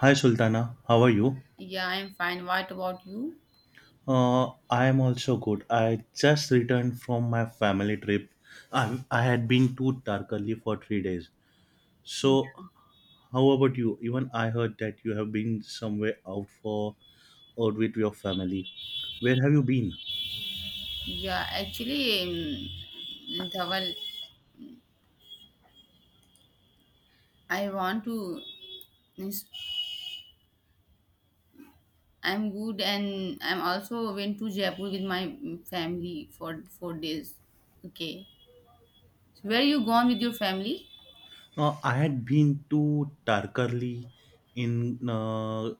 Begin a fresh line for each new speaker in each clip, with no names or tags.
Hi Sultana, how are you?
Yeah, I'm fine. What about you?
I am also good. I just returned from my family trip. I had been to Tarkali for 3 days. So, how about you? Even I heard that you have been somewhere out for out with your family. Where have you been?
Yeah, actually, Dhaval, I want to. I'm good, and I'm also went to Jaipur with my family for 4 days. Okay, so where you gone with your family?
I had been to Tarkarli in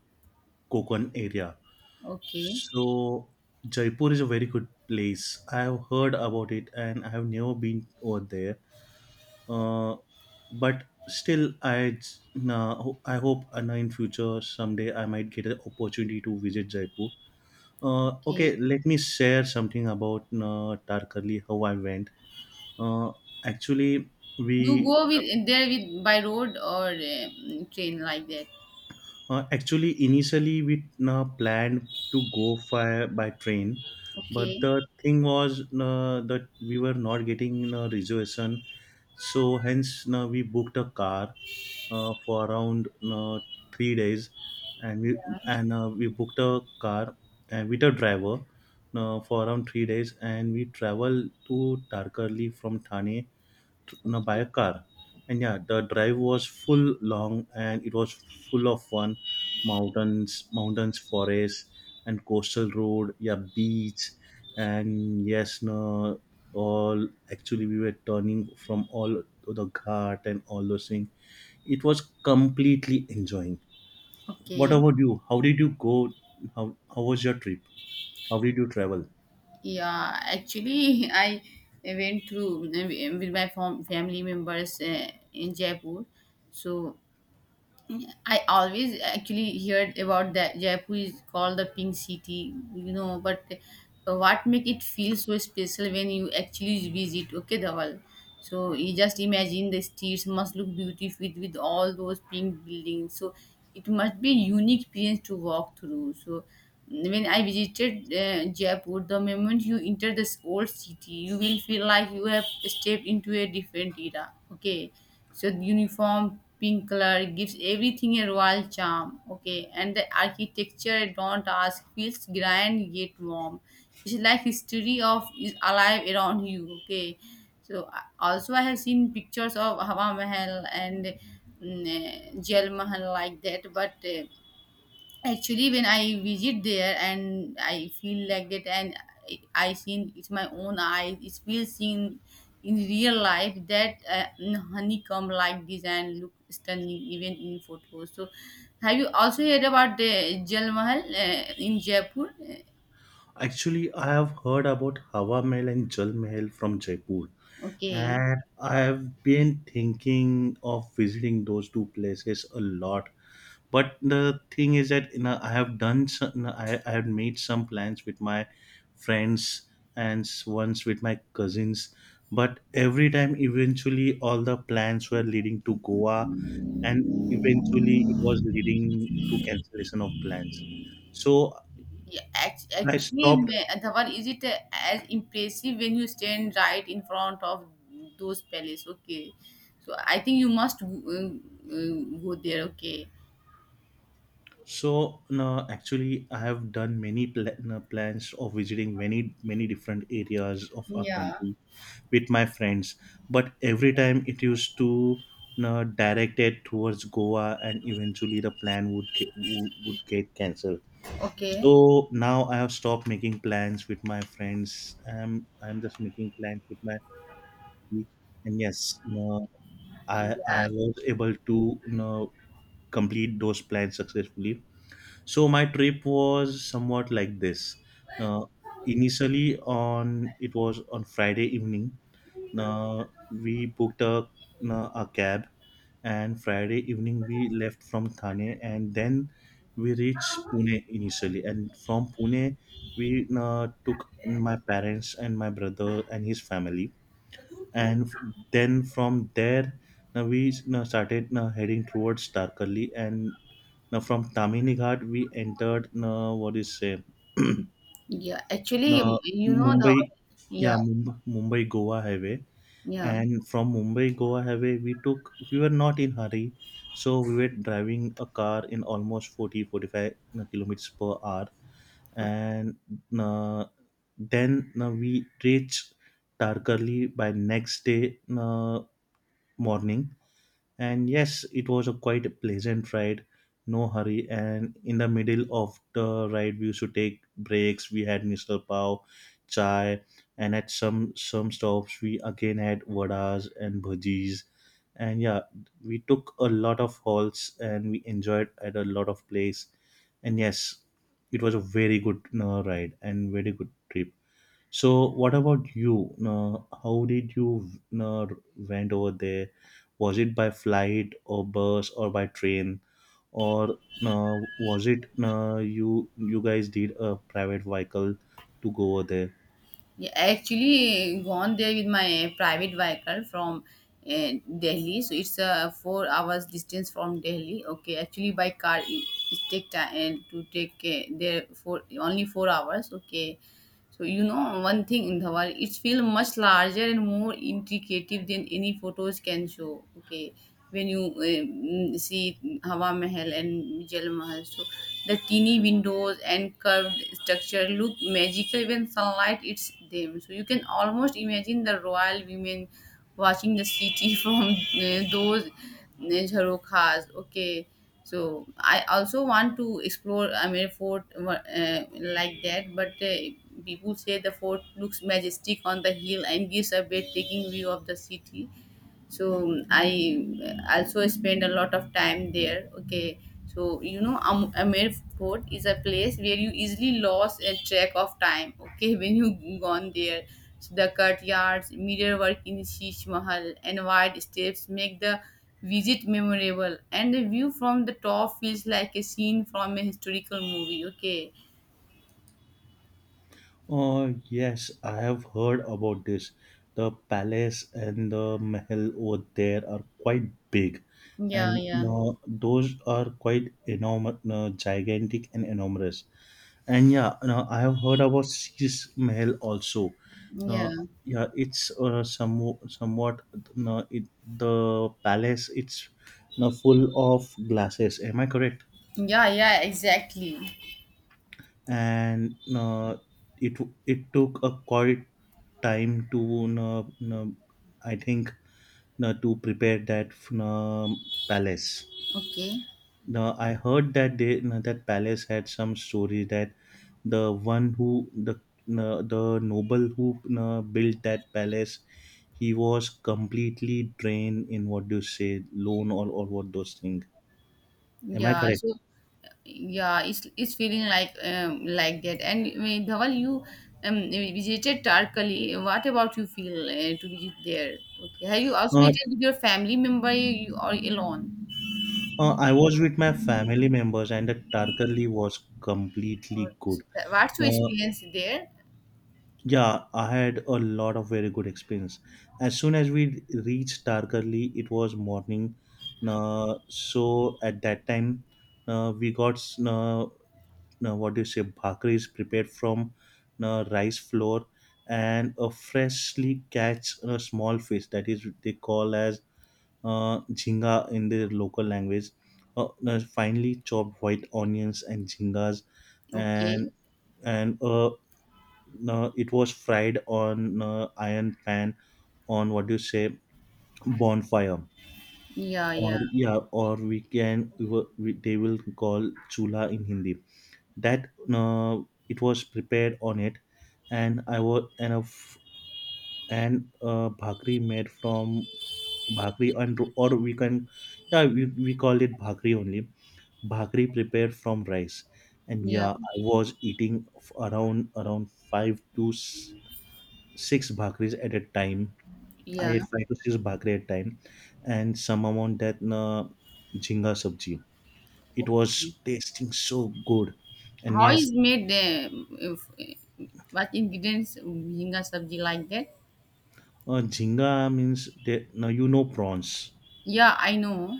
Kokon area.
Okay,
So Jaipur is a very good place. I have heard about it and I have never been over there. uh, but still I hope in future someday I might get an opportunity to visit Jaipur. Okay,
okay.
let me share something about Tarkarli, how I went. uh, actually we
You go with there with by road or train like that?
Actually initially we planned to go by train, but
Okay,
the thing was that we were not getting a reservation, so hence we booked a car for around 3 days, and we booked a car and with a driver for around 3 days, and we traveled to Tarkarli from Thane, no, by a car. And yeah, the drive was full long and it was full of fun. Mountains, mountains, forests, and coastal road. Yeah, beach, and yes, no, all actually we were turning from all the ghat and all those things. It was completely enjoying. What
okay.
about you? How did you go? How was your trip? How did you travel?
Yeah, actually, I went through with my family members in Jaipur. So I always actually heard about that Jaipur is called the pink city, you know. But what make it feel so special when you actually visit? Okay, Dhawal. So you just imagine the streets must look beautiful with all those pink buildings. So it must be unique experience to walk through. So. When I visited Jaipur, the moment you enter this old city, you will feel like you have stepped into a different era. Okay, so the uniform pink color gives everything a royal charm. Okay, and the architecture, don't ask, feels grand yet warm. It's like history of is alive around you. Okay, so also I have seen pictures of Hawa Mahal and Jail Mahal like that, but. Actually, when I visit there and I feel like that, and I seen it's my own eyes, it's feel seen in real life that honeycomb like design look stunning even in photos. So, have you also heard about the Jal Mahal in Jaipur?
Actually, I have heard about Hawa Mahal and Jal Mahal from Jaipur,
Okay.
and I have been thinking of visiting those two places a lot. But the thing is that you know, I have done some, I have made some plans with my friends and once with my cousins, but every time eventually all the plans were leading to Goa, and eventually it was leading to cancellation of plans. So
Yeah,
I
actually,
stopped.
Dhawan, is it as impressive when you stand right in front of those palace? Okay, so I think you must go there. Okay,
So no, actually, I have done many no, plans of visiting many many different areas of our
yeah.
country with my friends. But every time it used to no, directed towards Goa, and eventually the plan would get cancelled.
Okay.
So now I have stopped making plans with my friends. I'm just making plans with my family. And yes, no, I
Yeah.
I was able to no, complete those plans successfully, so my trip was somewhat like this. Now, initially on it was on Friday evening. Now, we booked a, now, a cab, and Friday evening we left from Thane, and then we reached Pune initially. And from Pune, we took my parents and my brother and his family, and then from there. Now we started heading towards Tarkali, and now from Tamini Ghat we entered what is say
Yeah. Actually,
now
you know the
Mumbai,
yeah,
yeah Mumbai, Mumbai Goa highway,
yeah.
and from Mumbai Goa highway we took we were not in hurry, so we were driving a car in almost 40, 45 kilometers per hour,
Okay,
and uh, then we reached Tarkarli by next day uh, morning, and yes, it was a quite a pleasant ride, no hurry. And in the middle of the ride, we used to take breaks. We had misal pav, chai, and at some stops, we again had vadas and bhajis. And yeah, we took a lot of halts and we enjoyed at a lot of place. And yes, it was a very good ride and very good trip. So, what about you? How did you uh, went over there? Was it by flight or bus or by train, or was it uh, you guys did a private vehicle to go over there?
yeah. Actually, gone there with my private vehicle from uh, Delhi. So it's a 4 hours distance from Delhi. Okay. Actually, by car it take time to take there for only 4 hours. Okay. So you know one thing in the world, it feels much larger and more intricate than any photos can show. Okay, when you see Hawa Mahal and Jal Mahal, so the teeny windows and curved structure look magical when sunlight hits them. So you can almost imagine the royal women watching the city from those jharokhas. Okay, so I also want to explore Amir Fort uh, like that, but people say the fort looks majestic on the hill and gives a breathtaking view of the city. So I also spend a lot of time there. Okay, so you know, Amer Fort is a place where you easily lost a track of time. Okay, when you gone there. So the courtyards mirror work in Sheesh Mahal and wide steps make the visit memorable, and the view from the top feels like a scene from a historical movie. Okay.
Yes, I have heard about this. The palace and the mahal over there are quite big,
Yeah,
and
yeah,
those are quite enormous, gigantic and enormous. And yeah, no, I have heard about Sheesh Mahal also.
yeah,
Uh, yeah, it's somewhat no, it, the palace. It's no, full of glasses. Am I correct?
yeah, yeah, exactly.
And no, it it took a quite time to I think no, to prepare that no, palace.
Okay,
Now I heard that they no, that palace had some story that the one who the no, the noble who no, built that palace, he was completely drained in what do you say loan or what those things. Am I
yeah.
correct?
So yeah, it's feeling like that, and Dhaval, you visited Tarkali. What about you feel to visit there? Okay, have you also
Uh,
visited with your family member, you or alone,
I was with my family members, and the Tarkali was
or
completely good.
what's your
Uh,
experience there?
Yeah, I had a lot of very good experience. As soon as we reached Tarkarli, it was morning. So at that time, we got what do you say, bhakris prepared from rice flour and a freshly catch a small fish that is they call as jhinga in their local language. Finely chopped white onions and jhingas
Okay.
and and uh, it was fried on iron pan on what do you say bonfire
Yeah,
or
yeah,
yeah or we can they will call chula in hindi that it was prepared on it, and I was and a f- and bhakri made from bhakri and ro- or we can yeah we call it bhakri only, bhakri prepared from rice. And
yeah,
yeah, I was eating around around 5 to 6 bhakris at a time. I
yeah.
ate five to six bhakri at time, and some amount that jhinga sabji. It
Okay,
was tasting so good, and
how
yes,
is made the if, what ingredients bhinga sabji like that?
jhinga means that now you know prawns.
Yeah, I know.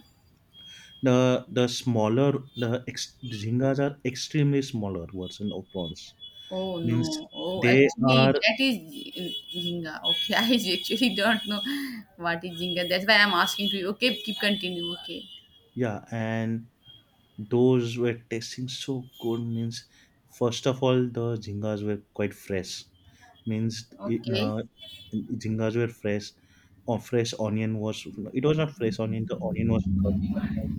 The smaller the ex, jhingas are extremely smaller version of prawns.
Oh
Means
no. Oh,
they are
actually, that is Jinga. Okay, I actually don't know what is Jinga. That's why I'm asking to you. Okay, keep continue. Okay.
yeah, and those were tasting so good means first of all the jingas were quite fresh means
Okay.
jingas were fresh or fresh onion was it was not fresh onion the onion was cut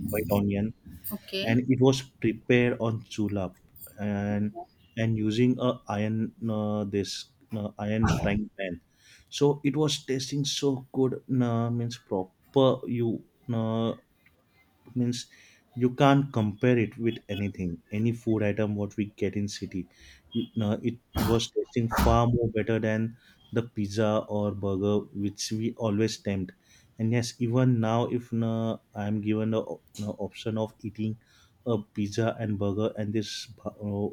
white onion,
Okay.
and it was prepared on chula and and using a iron this iron frying pan, so it was tasting so good means proper you uh, means you can't compare it with anything any food item what we get in city, you, no, it was tasting far more better than the pizza or burger which we always tempt. And yes, even now if no, I'm given the no, option of eating a pizza and burger and this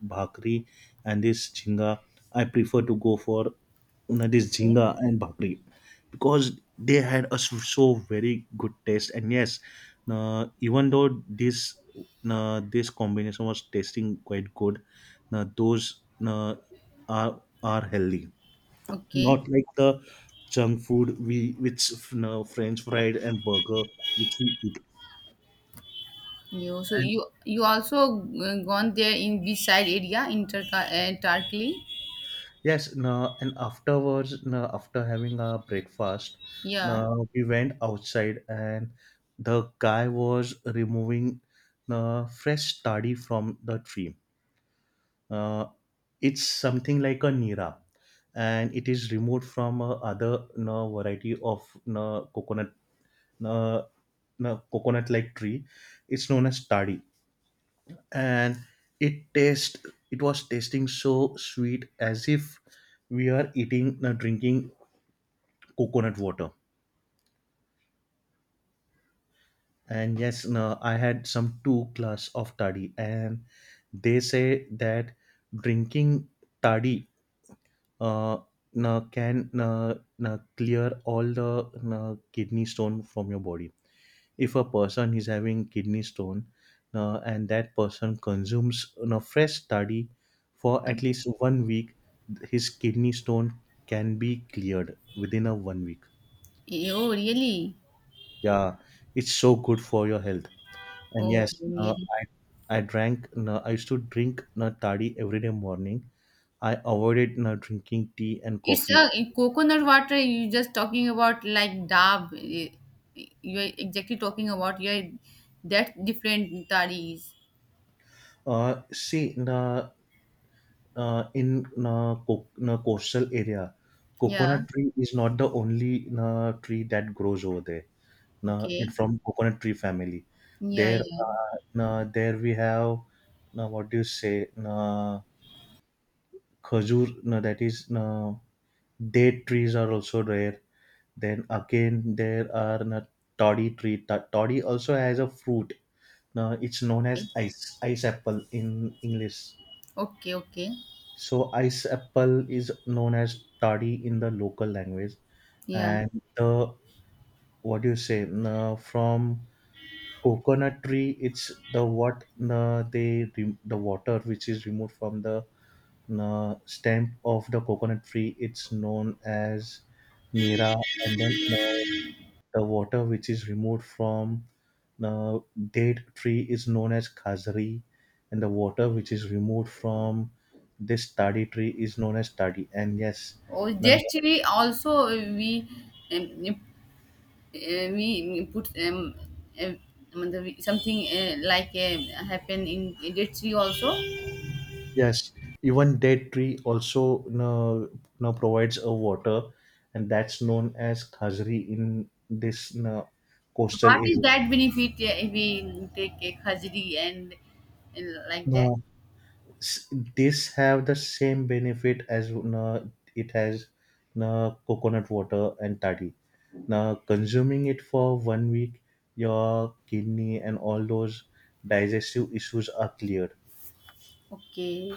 bhakri and this jhinga, I prefer to go for you this jhinga and bhakri, because they had a so very good taste. And yes, even though this this combination was tasting quite good, those are healthy,
Okay.
not like the junk food we which french fried and burger which we eat.
You, so you also gone there in this side area in Turka Tarkli?
Yes, no, and afterwards, no, after having our breakfast,
Yeah.
no, we went outside and the guy was removing no, fresh toddy from the tree. Uh, it's something like a nira, and it is removed from other no, variety of no, coconut, no, no, coconut-like tree. It's known as tadi, and it taste it was tasting so sweet as if we are eating drinking coconut water. And yes no, I had some two glass of toddy, and they say that drinking toddy uh, no, can clear all the no, kidney stone from your body if a person is having kidney stone, and that person consumes you know, fresh study for at least 1 week, his kidney stone can be cleared within a 1 week.
Eh, oh, really?
Yeah, it's so good for your health. And
Oh,
yes, uh,
really?
i i drank I used to drink toddy every day morning. I avoided drinking tea and
It's
coffee.
a in coconut water. You just talking about like dab. Eh, you are exactly talking about your that different tari is.
See, in coastal area,
Yeah.
coconut tree is not the only tree that grows over there. In
Okay.
from coconut tree family,
Yeah,
there
yeah.
there we have what do you say khajur, that is date trees are also there. Then again there are toddy tree. Toddy also has a fruit. It's known as ice apple in English.
Okay, okay.
So ice apple is known as tadi in the local language,
Yeah.
and the what do you say na from coconut tree? It's the what na they the water which is removed from the na stem of the coconut tree. It's known as nira, and then na the water which is removed from the date tree is known as khazari, and the water which is removed from this tadi tree is known as tadi. And yes,
Oh,
now-
just we also um, we put uh, मतलब something like happen in jet ski also.
yes, even date tree also now, now provides a water, and that's known as khazari in this now,
So
coastal
what is
area.
that benefit if we take a khajri and like that?
Now, s- this have the same benefit as it has coconut water and toddy. Now, consuming it for 1 week, your kidney and all those digestive issues are cleared.
Okay.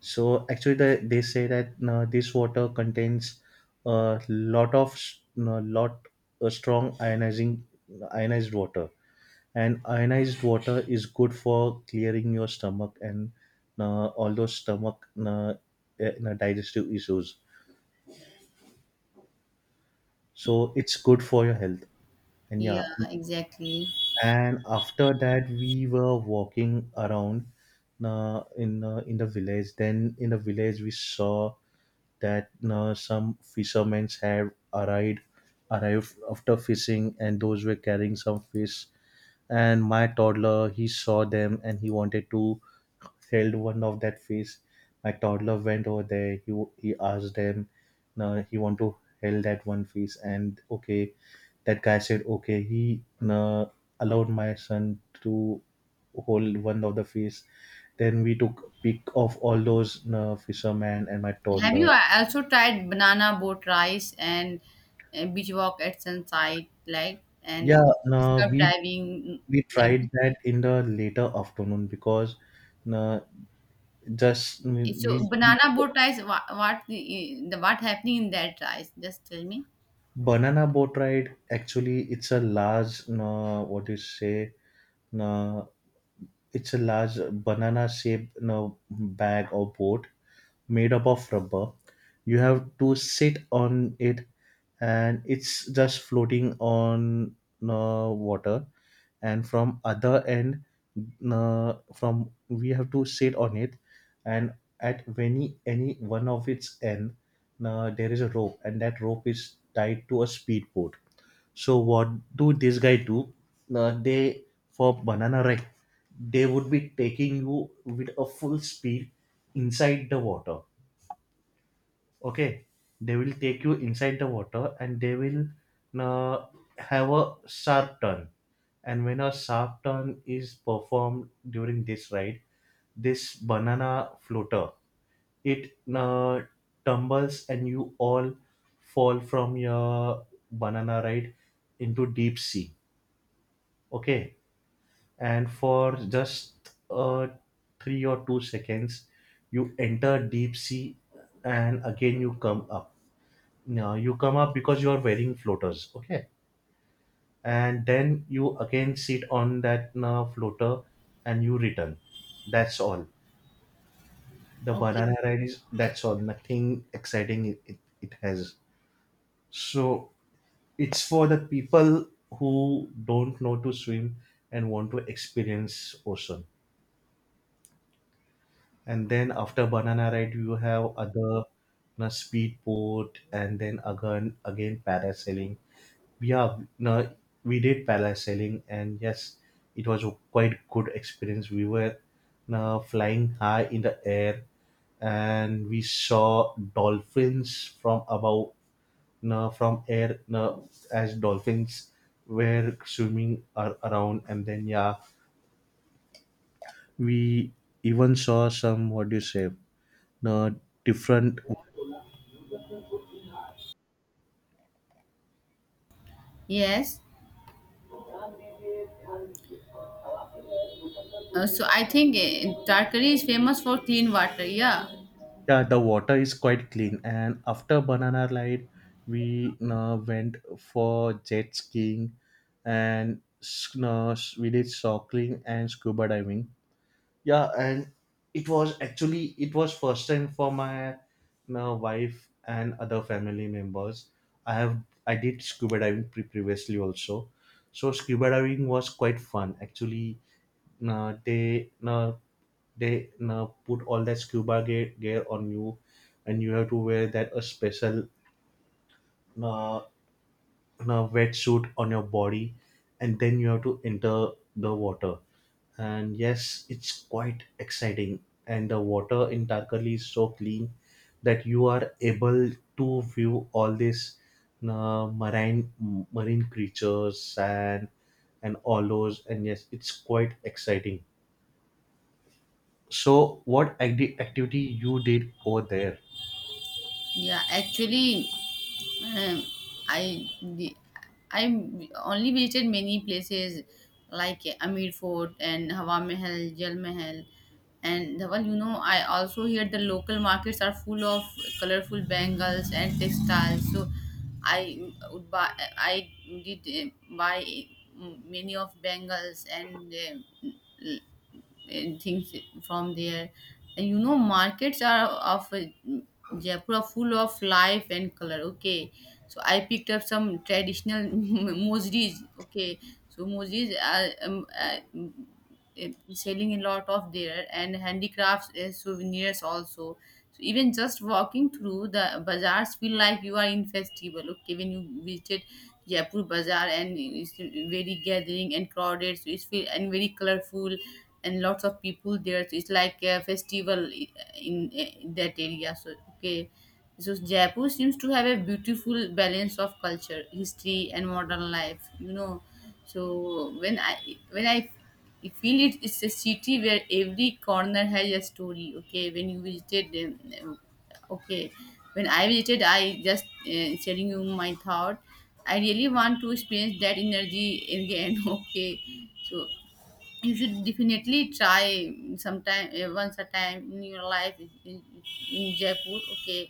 So actually, they say that this water contains a lot of lot strong ionizing ionized water, and ionized water is good for clearing your stomach and all those stomach digestive issues. So it's good for your health. And
Yeah,
yeah,
exactly.
and after that we were walking around in the village. Then in the village we saw that some fishermen have arrived after fishing, and those were carrying some fish. And my toddler, he saw them and he wanted to held one of that fish. My toddler went over there, he asked them, he want to held that one fish. And okay, that guy said okay, he uh, allowed my son to hold one of the fish. Then we took pic of all those fishermen and my
Have you
toddler.
also tried banana boat rice and beach walk at sunset, like, and
Yeah, no,
scuba diving,
we
like
tried that in the later afternoon because uh, just I mean,
this? So?
we,
Banana boat rice. What the what happening in that rice? Just tell me.
banana boat ride, actually it's a large what do you say uh, it's a large banana shaped, you know, bag or boat made up of rubber. You have to sit on it, and it's just floating on water. And from other end, from, we have to sit on it, and at any one of its end, there is a rope, and that rope is tied to a speedboat. So what do this guy do? They, for banana ride, they would be taking you with a full speed inside the water. Okay, they will take you inside the water, and they will uh, have a sharp turn. And when a sharp turn is performed during this ride, this banana floater, it tumbles, and you all fall from your banana ride into deep sea. Okay, and for just 3 or 2 seconds, you enter deep sea, and again you come up. Now you come up because you are wearing floaters. Okay, and then you again sit on that floater, and you return. That's all. The banana ride is that's all. Nothing exciting it has. So it's for the people who don't know to swim and want to experience ocean. And then after banana ride, you have other, na, speedboat, and then again parasailing. Yeah, na, we did parasailing, and yes, it was a quite good experience. We were, na, flying high in the air, and we saw dolphins from above, na, from air, na, as dolphins were swimming around. And then yeah, we even saw some, what do you say, uh, different.
Yes. So I think Tarkari is famous for clean water. Yeah.
Yeah, the water is quite clean. And after banana ride, we went for jet skiing and we did snorkeling and scuba diving. Yeah, and it was, actually it was first time for my, my wife and other family members. I have, I did scuba diving previously also. So scuba diving was quite fun. Actually, uh, they uh, they put all that gear on you, and you have to wear that a special uh, in a wetsuit on your body, and then you have to enter the water, and yes, it's quite exciting. And the water in Tarkali is so clean that you are able to view all these marine marine creatures, sand and all those, and yes, it's quite exciting. So what activity you did over there?
Yeah. Actually, Um, I the I only visited many places like Amir Fort and Hawa Mahal, Jal Mahal, and Dhawal. You know, I also hear the local markets are full of colorful bangles and textiles. So I would buy. I did buy many of bangles uh, and things from there. And you know, markets are of Jaipur are full of life and color. Okay, so I picked up some traditional mosris. Okay, so mosris are uh, selling a lot of there, and handicrafts souvenirs also. So even just walking through the bazaars feel like you are in festival. Okay, when you visited Jaipur bazaar, and it's very gathering and crowded, so it's feel and very colorful and lots of people there. So it's like a festival in that area. So, okay, so Jaipur seems to have a beautiful balance of culture, history, and modern life, you know. So when i when I I feel it, it's a city where every corner has a story. Okay, when you visited, um, okay, when I visited, I just sharing you my thought. I really want to experience that energy again. Okay, so you should definitely try sometime, eh, once a time in your life in Jaipur. Okay,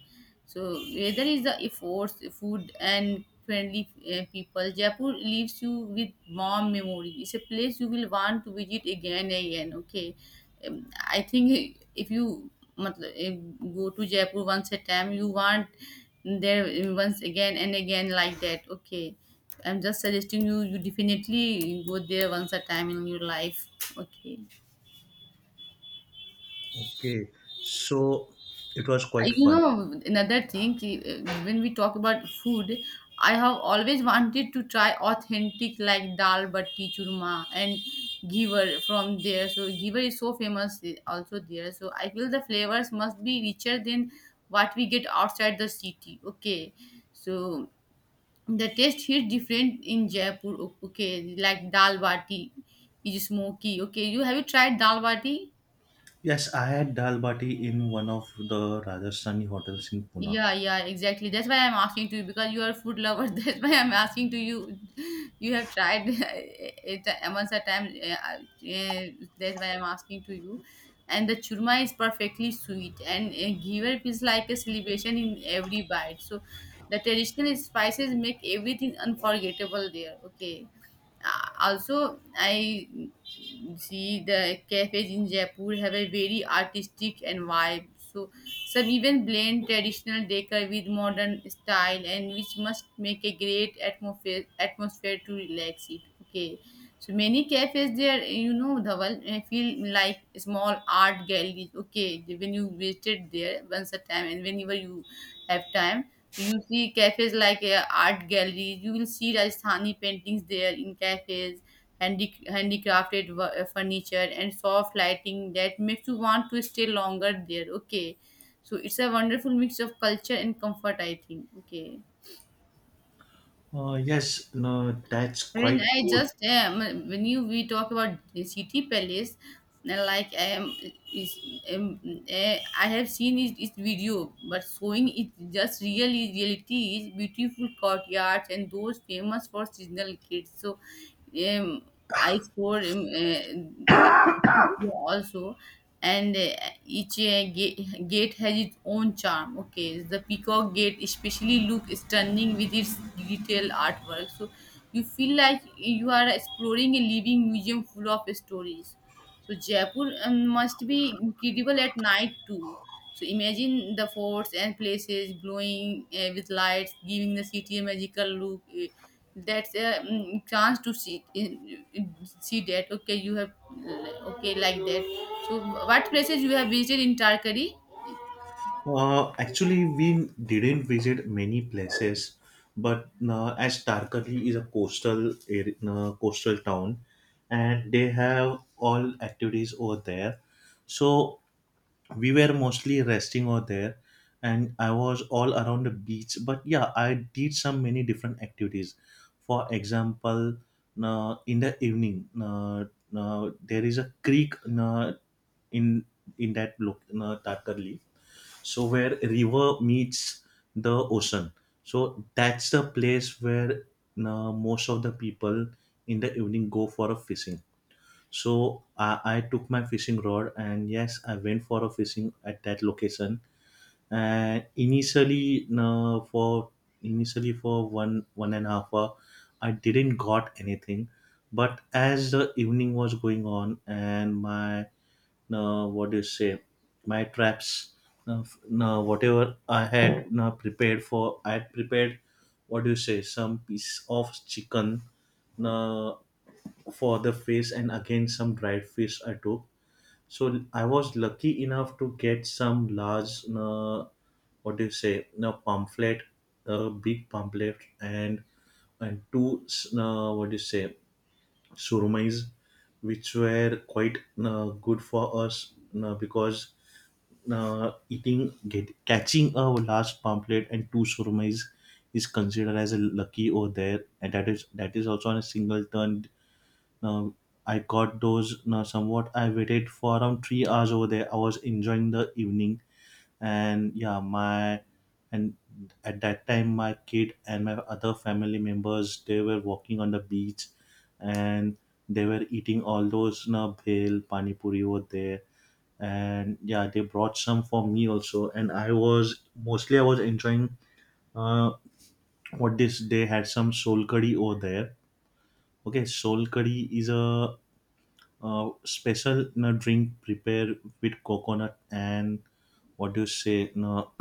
so weather is the efforts food and friendly people. Jaipur leaves you with warm memories. It's a place you will want to visit again and again. Okay, I think if you मतलब, if go to Jaipur once a time, you want there once again and again like that. Okay, I'm just suggesting you. You definitely go there once a time in your life. Okay.
Okay, so it was quite
You
fun.
know, another thing, when we talk about food, I have always wanted to try authentic like dal batti churma and giver from there. So giver is so famous, eh, also there. So I feel the flavors must be richer than what we get outside the city. Okay, so the taste here different in Jaipur. Okay, like dal bati is smoky. Okay, you have you tried dal bati?
Yes, I had dal bati in one of the Rajasthani hotels in Pune.
Yeah, yeah, exactly. That's why I'm asking to you, because you are a food lover. That's why I'm asking to you. You have tried it once a time. Yeah, that's why I'm asking to you. And the churma is perfectly sweet, and giver is like a celebration in every bite. So the traditional spices make everything unforgettable there. Okay. Also, I see the cafes in Jaipur have a very artistic and vibe. So some even blend traditional decor with modern style, and which must make a great atmosphere to relax it. Okay, so many cafes there, you know, Dhaval, I feel like small art galleries. Okay, when you visited there once a time, and whenever you have time, you see cafes like art galleries. You will see Rajasthani paintings there in cafes, handicrafted furniture, and soft lighting that makes you want to stay longer there. Okay, so it's a wonderful mix of culture and comfort, I think. Okay.
Yes, no, that's
When
quite
I
good.
just when you we talk about the city palace, like I am is um, I have seen it, its video, but showing it just really reality is beautiful courtyards and those famous for seasonal kids. So, um, I score also, and each gate has its own charm. Okay, the peacock gate especially look stunning with its detailed artwork. So you feel like you are exploring a living museum full of stories. So Jaipur must be incredible at night too. So imagine the forts and places glowing with lights, giving the city a magical look. That's a chance to see see that. Okay, you have okay like that. So what places you have visited in Tarkari?
Actually, we didn't visit many places, but as Tarkali is a coastal area, coastal town, and they have all activities over there. So we were mostly resting over there, and I was all around the beach. But yeah, I did some many different activities. For example, in the evening, there is a creek uh, in in that look, Tatarli, so where river meets the ocean. So that's the place where most of the people in the evening go for a fishing. So I took my fishing rod, and yes, I went for a fishing at that location. And initially no, for initially for one one and a half hour, I didn't got anything. But as the evening was going on and my, no, what do you say, my traps, no, no, whatever I had no, prepared for, I had prepared, what do you say, some piece of chicken, no, for the fish, and again some dried fish I took. So I was lucky enough to get some large, what do you say, a pamphlet, a big pamphlet, and two, what do you say, surmais, which were quite good for us, because catching a large pamphlet and two surmais is considered as a lucky over there, and that is also on a single turn. Now I got those now somewhat. I waited for around 3 hours over there. I was enjoying the evening, and yeah, my, and at that time my kid and my other family members, they were walking on the beach, and they were eating all those, na, bhel pani puri over there. And yeah, they brought some for me also, and I was mostly I was enjoying, uh, what this, they had some soul curry over there. Okay, soul curry is a special, you know, drink prepared with coconut and, what do you say, no,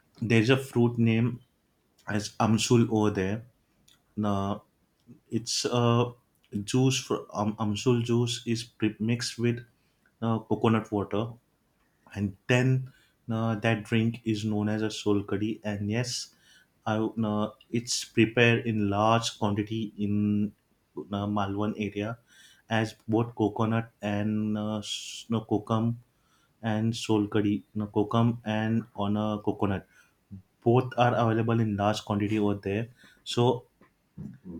there's a fruit name as amsul over there, no. It's juice for, amsul juice is mixed with coconut water, and then that drink is known as a sol kadhi. And yes, I would- it's prepared in large quantity in malwan area, as both coconut and no, kokum and soul curry, no, kokum and on a coconut. Both are available in large quantity over there. So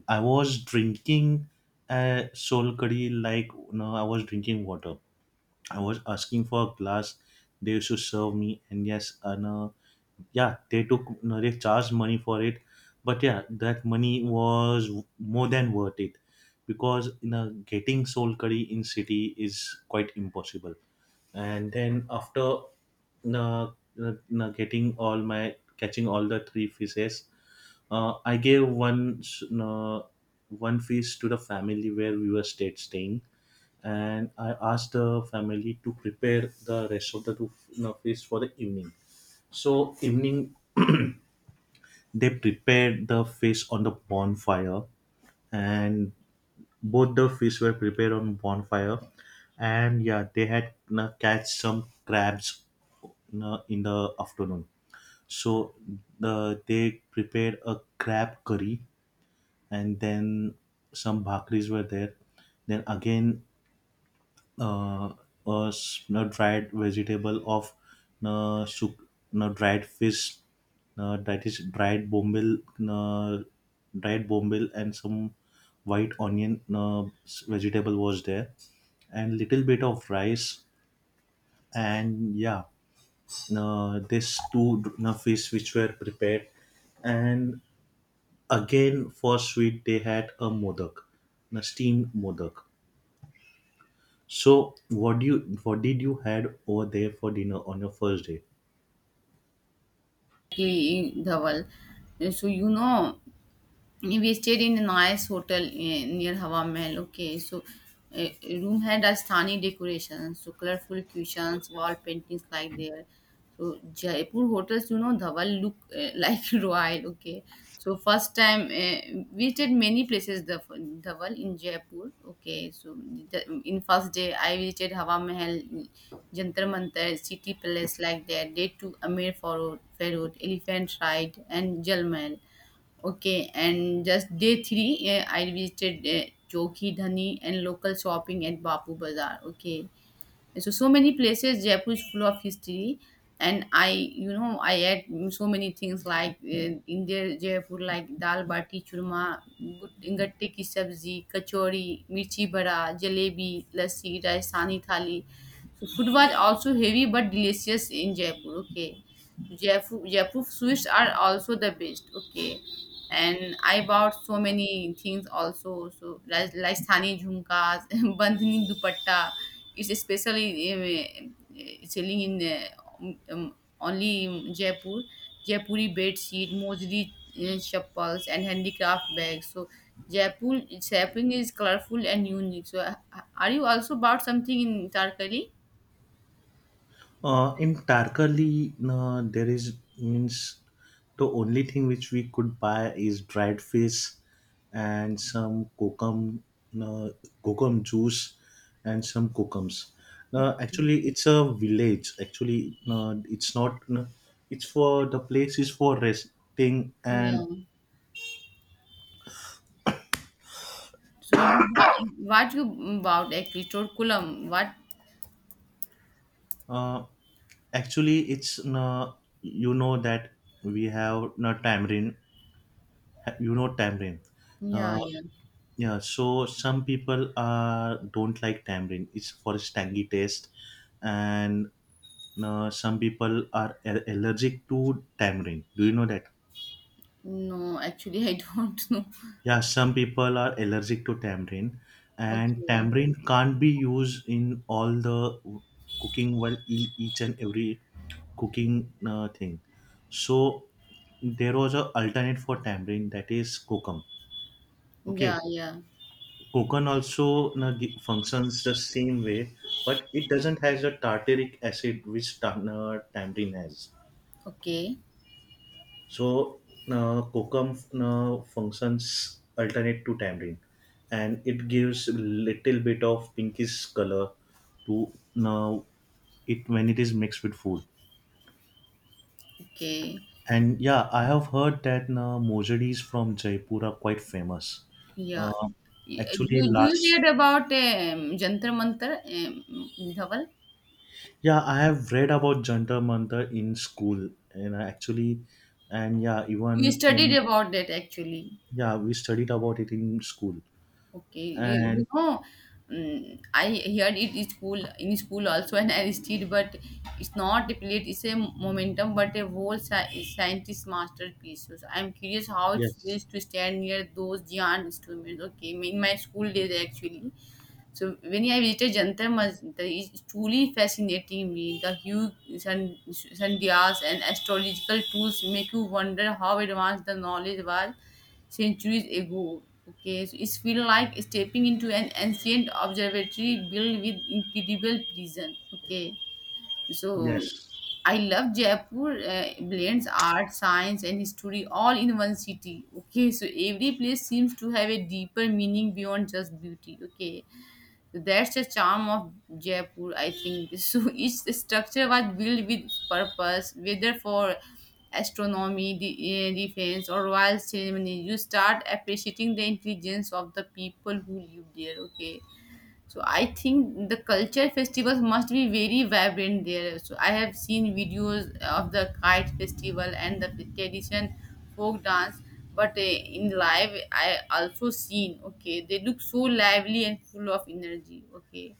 I was drinking soul curry like, no, I was drinking water. I was asking for a glass. They used to serve me, and yes, no, yeah, they took, they charged money for it, but yeah, that money was more than worth it, because you know, getting soul curry in city is quite impossible. And then after uh, getting all my, catching all the three fishes, I gave one fish to the family where we were stayed staying, and I asked the family to prepare the rest of the two fish for the evening. So evening they prepared the fish on the bonfire, and both the fish were prepared on bonfire. And yeah, they had catch some crabs in the afternoon. So they prepared a crab curry, and then some bhakris were there. Then again, uh, no, dried vegetable of, no, soup, no, dried fish, no, that is dried bombil, no, dried bombil, and some white onion, no, vegetable was there, and little bit of rice. And yeah, no, this two, no, fish which were prepared, and again for sweet they had a modak, no, steamed modak. So what do you, what did you had over there for dinner on your first day?
Dhawal. So you know. We stayed in a nice hotel, eh, near Hawa Mahal. Okay, so eh, room had Rajasthani decorations, so colorful cushions, wall paintings like there. So Jaipur hotels, you know, Dhawal look eh, like royal. Okay, so first time, eh, we visited many places, the Dhawal in Jaipur. Okay, so the, in first day I visited Hawa Mahal, Jantar Mantar, City Palace like that. Day two Amir Farod, Elephant Ride, and Jal Mahal. Okay, and just day three, eh, I visited Chowki Dhani and local shopping at Bapu Bazaar. Okay, so so many places. Jaipur is full of history, and I you know I ate so many things like in their Jaipur, like dal bati churma, gatte ki sabzi, kachori, mirchi bada, jalebi, lassi, Rajasthani thali. So food was also heavy but delicious in Jaipur. Okay. Jaipur sweets are also the best. Okay, and I bought so many things also. So like Rajasthani jhumkas, bandhani dupatta, it's especially selling in only in Jaipur. Jaipuri bed sheet, Mojri chappals, and handicraft bags. So Jaipur shopping is colorful and unique. So are you also bought something in Tarkali?
In Tarkali, there is, means the only thing which we could buy is dried fish and some kokum, uh, kokum juice, and some kokums. Actually, it's a village. Actually, it's not, it's for, the place is for resting
Yeah.
and,
So what you bought actually? Torkulam. What?
uh, actually, it's, you know that we have no tamarind. You know tamarind.
Yeah,
Uh,
yeah.
yeah. So some people don't like tamarind, it's for its tangy taste. And some people are allergic to tamarind. Do you know that?
No, actually, I don't know.
Yeah, some people are allergic to tamarind, and
Okay.
tamarind can't be used in all the cooking, well, each and every cooking thing. So there was a alternate for tamarind, that is kokum.
Yeah,
Okay,
yeah.
kokum also, na, functions the same way, but it doesn't has a tartaric acid which tamarind has.
Okay.
So now kokum now functions alternate to tamarind, and it gives little bit of pinkish color to, now, it, when it is mixed with food.
Okay.
And yeah, I have heard that now mojaris from Jaipur are quite famous.
Yeah.
Uh,
You,
actually,
do you hear
last,
about Jantar Mantar in Dhaval?
yeah, I have read about Jantar Mantar in school, and I actually, and yeah,
You
even
studied
in,
about that actually.
yeah, we studied about it in school.
Okay. You
And
know, I heard it in school also, and I studied, but it's not a plate, it's a momentum, but a whole scientist masterpiece. So I'm curious how it
yes,
feels to stand near those giant instruments. Okay. In my school days, actually, so when I visited Jantar Mantar, it truly fascinating me. The huge sandhyas and astrological tools make you wonder how advanced the knowledge was centuries ago. Okay, so it's feel like stepping into an ancient observatory built with incredible precision. Okay, so
yes,
I love Jaipur blends art, science, and history all in one city. Okay, so every place seems to have a deeper meaning beyond just beauty. Okay, that's the charm of Jaipur, I think. So each structure was built with purpose, whether for astronomy, defense, or royal ceremony. You start appreciating the intelligence of the people who live there. Okay. So I think the culture festivals must be very vibrant there. So I have seen videos of the kite festival and the tradition folk dance, but in live I also seen. Okay, they look so lively and full of energy. Okay,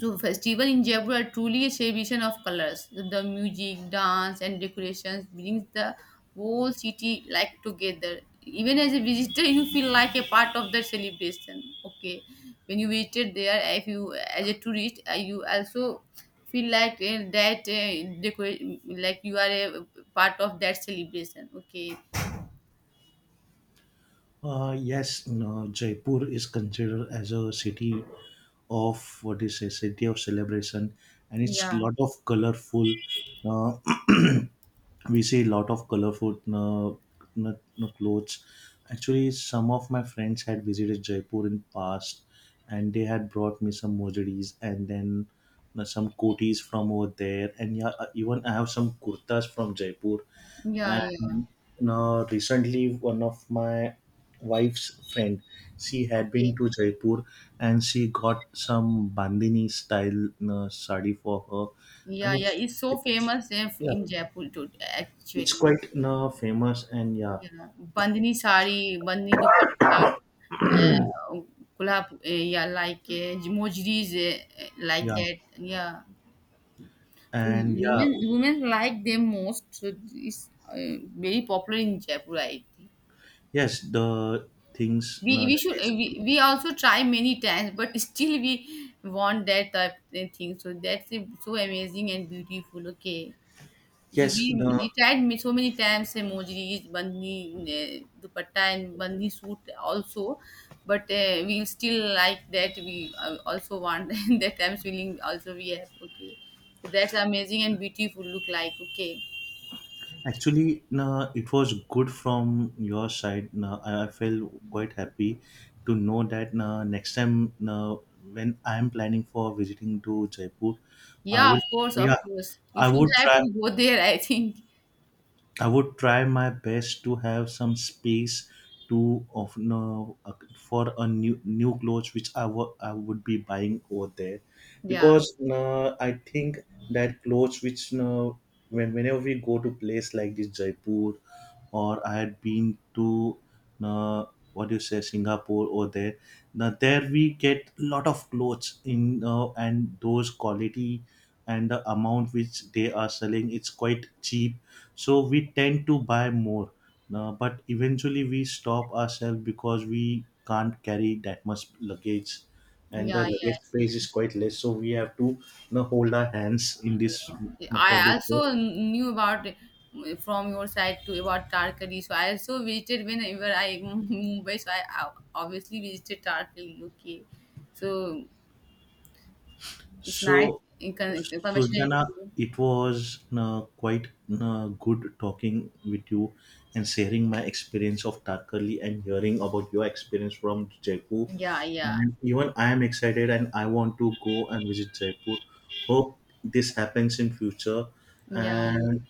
so festival in Jaipur are truly a celebration of colors. The music, dance, and decorations brings the whole city like together. Even as a visitor, you feel like a part of the celebration. Okay, when you visited there, if you as a tourist, you also feel like that decorate like you are a part of that celebration. Okay,
uh, yes, no, Jaipur is considered as a city of, what is a city of celebration, and it's
yeah,
lot of colorful. Uh, we see lot of colorful clothes. Actually, some of my friends had visited Jaipur in past, and they had brought me some mojaris, and then some kotis from over there. And yeah, even I have some kurtas from Jaipur.
yeah, yeah.
And now recently one of my wife's friend, she had
Okay,
been to Jaipur, and she got some bandhani style sari for her.
yeah,
And
yeah.
it's
It's so
it's
famous, eh,
yeah,
in Jaipur too,
it's
actually.
quite famous. And yeah,
Yeah, bandhni sari, bandhni dupatta, uh, kolhap, eh, yeah, like Mojris, eh, eh, like
yeah,
that. Yeah, so
and yeah,
women like them most. So it's very popular in Jaipur. I think
yes, the things
we we
that
should
is,
we also try many times, but still we want that type of thing. So that's so amazing and beautiful. Okay. So
yes, no.
we tried me so many times emojis, bandhi dupatta and bandhi suit also, but we still like that. We also want that times feeling also we have. Okay. So that's amazing and beautiful look like. Okay.
Actually, no, it was good from your side. No, I feel quite happy to know that, no, next time, no, when I am planning for visiting to Jaipur, I
Yeah, of
will.
course, of
Yeah,
course. You
I
should
would
have
try.
to go there, I think.
I would try my best to have some space to of, no, for a new clothes which I would be buying over there.
Yeah,
Because I think that clothes which, when whenever we go to place like this Jaipur, or I had been to, uh, what do you say, Singapore or there, now there we get lot of clothes in, and those quality and the amount which they are selling, it's quite cheap, so we tend to buy more. Uh, but eventually we stop ourselves, because we can't carry that much luggage, and
yeah,
the luggage
yeah.
space is quite less, so we have to, you know, hold our hands in this, you know, for
I
this.
also knew about from your side too about Tarkali. So I also visited whenever I Mumbai. So I obviously visited Tarkali. Okay, so it's nice
So,
information.
Suljana, it was quite good talking with you, and sharing my experience of Tarkali and hearing about your experience from Jaipur.
Yeah, yeah,
And even I am excited, and I want to go and visit Jaipur. Hope this happens in future.
yeah. Yeah.
And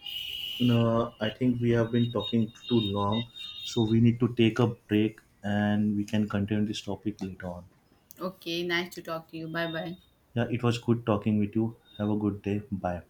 I think we have been talking too long, so we need to take a break, and we can continue this topic later on.
Okay, nice to talk to you. Bye, bye.
Yeah, it was good talking with you. Have a good day. Bye.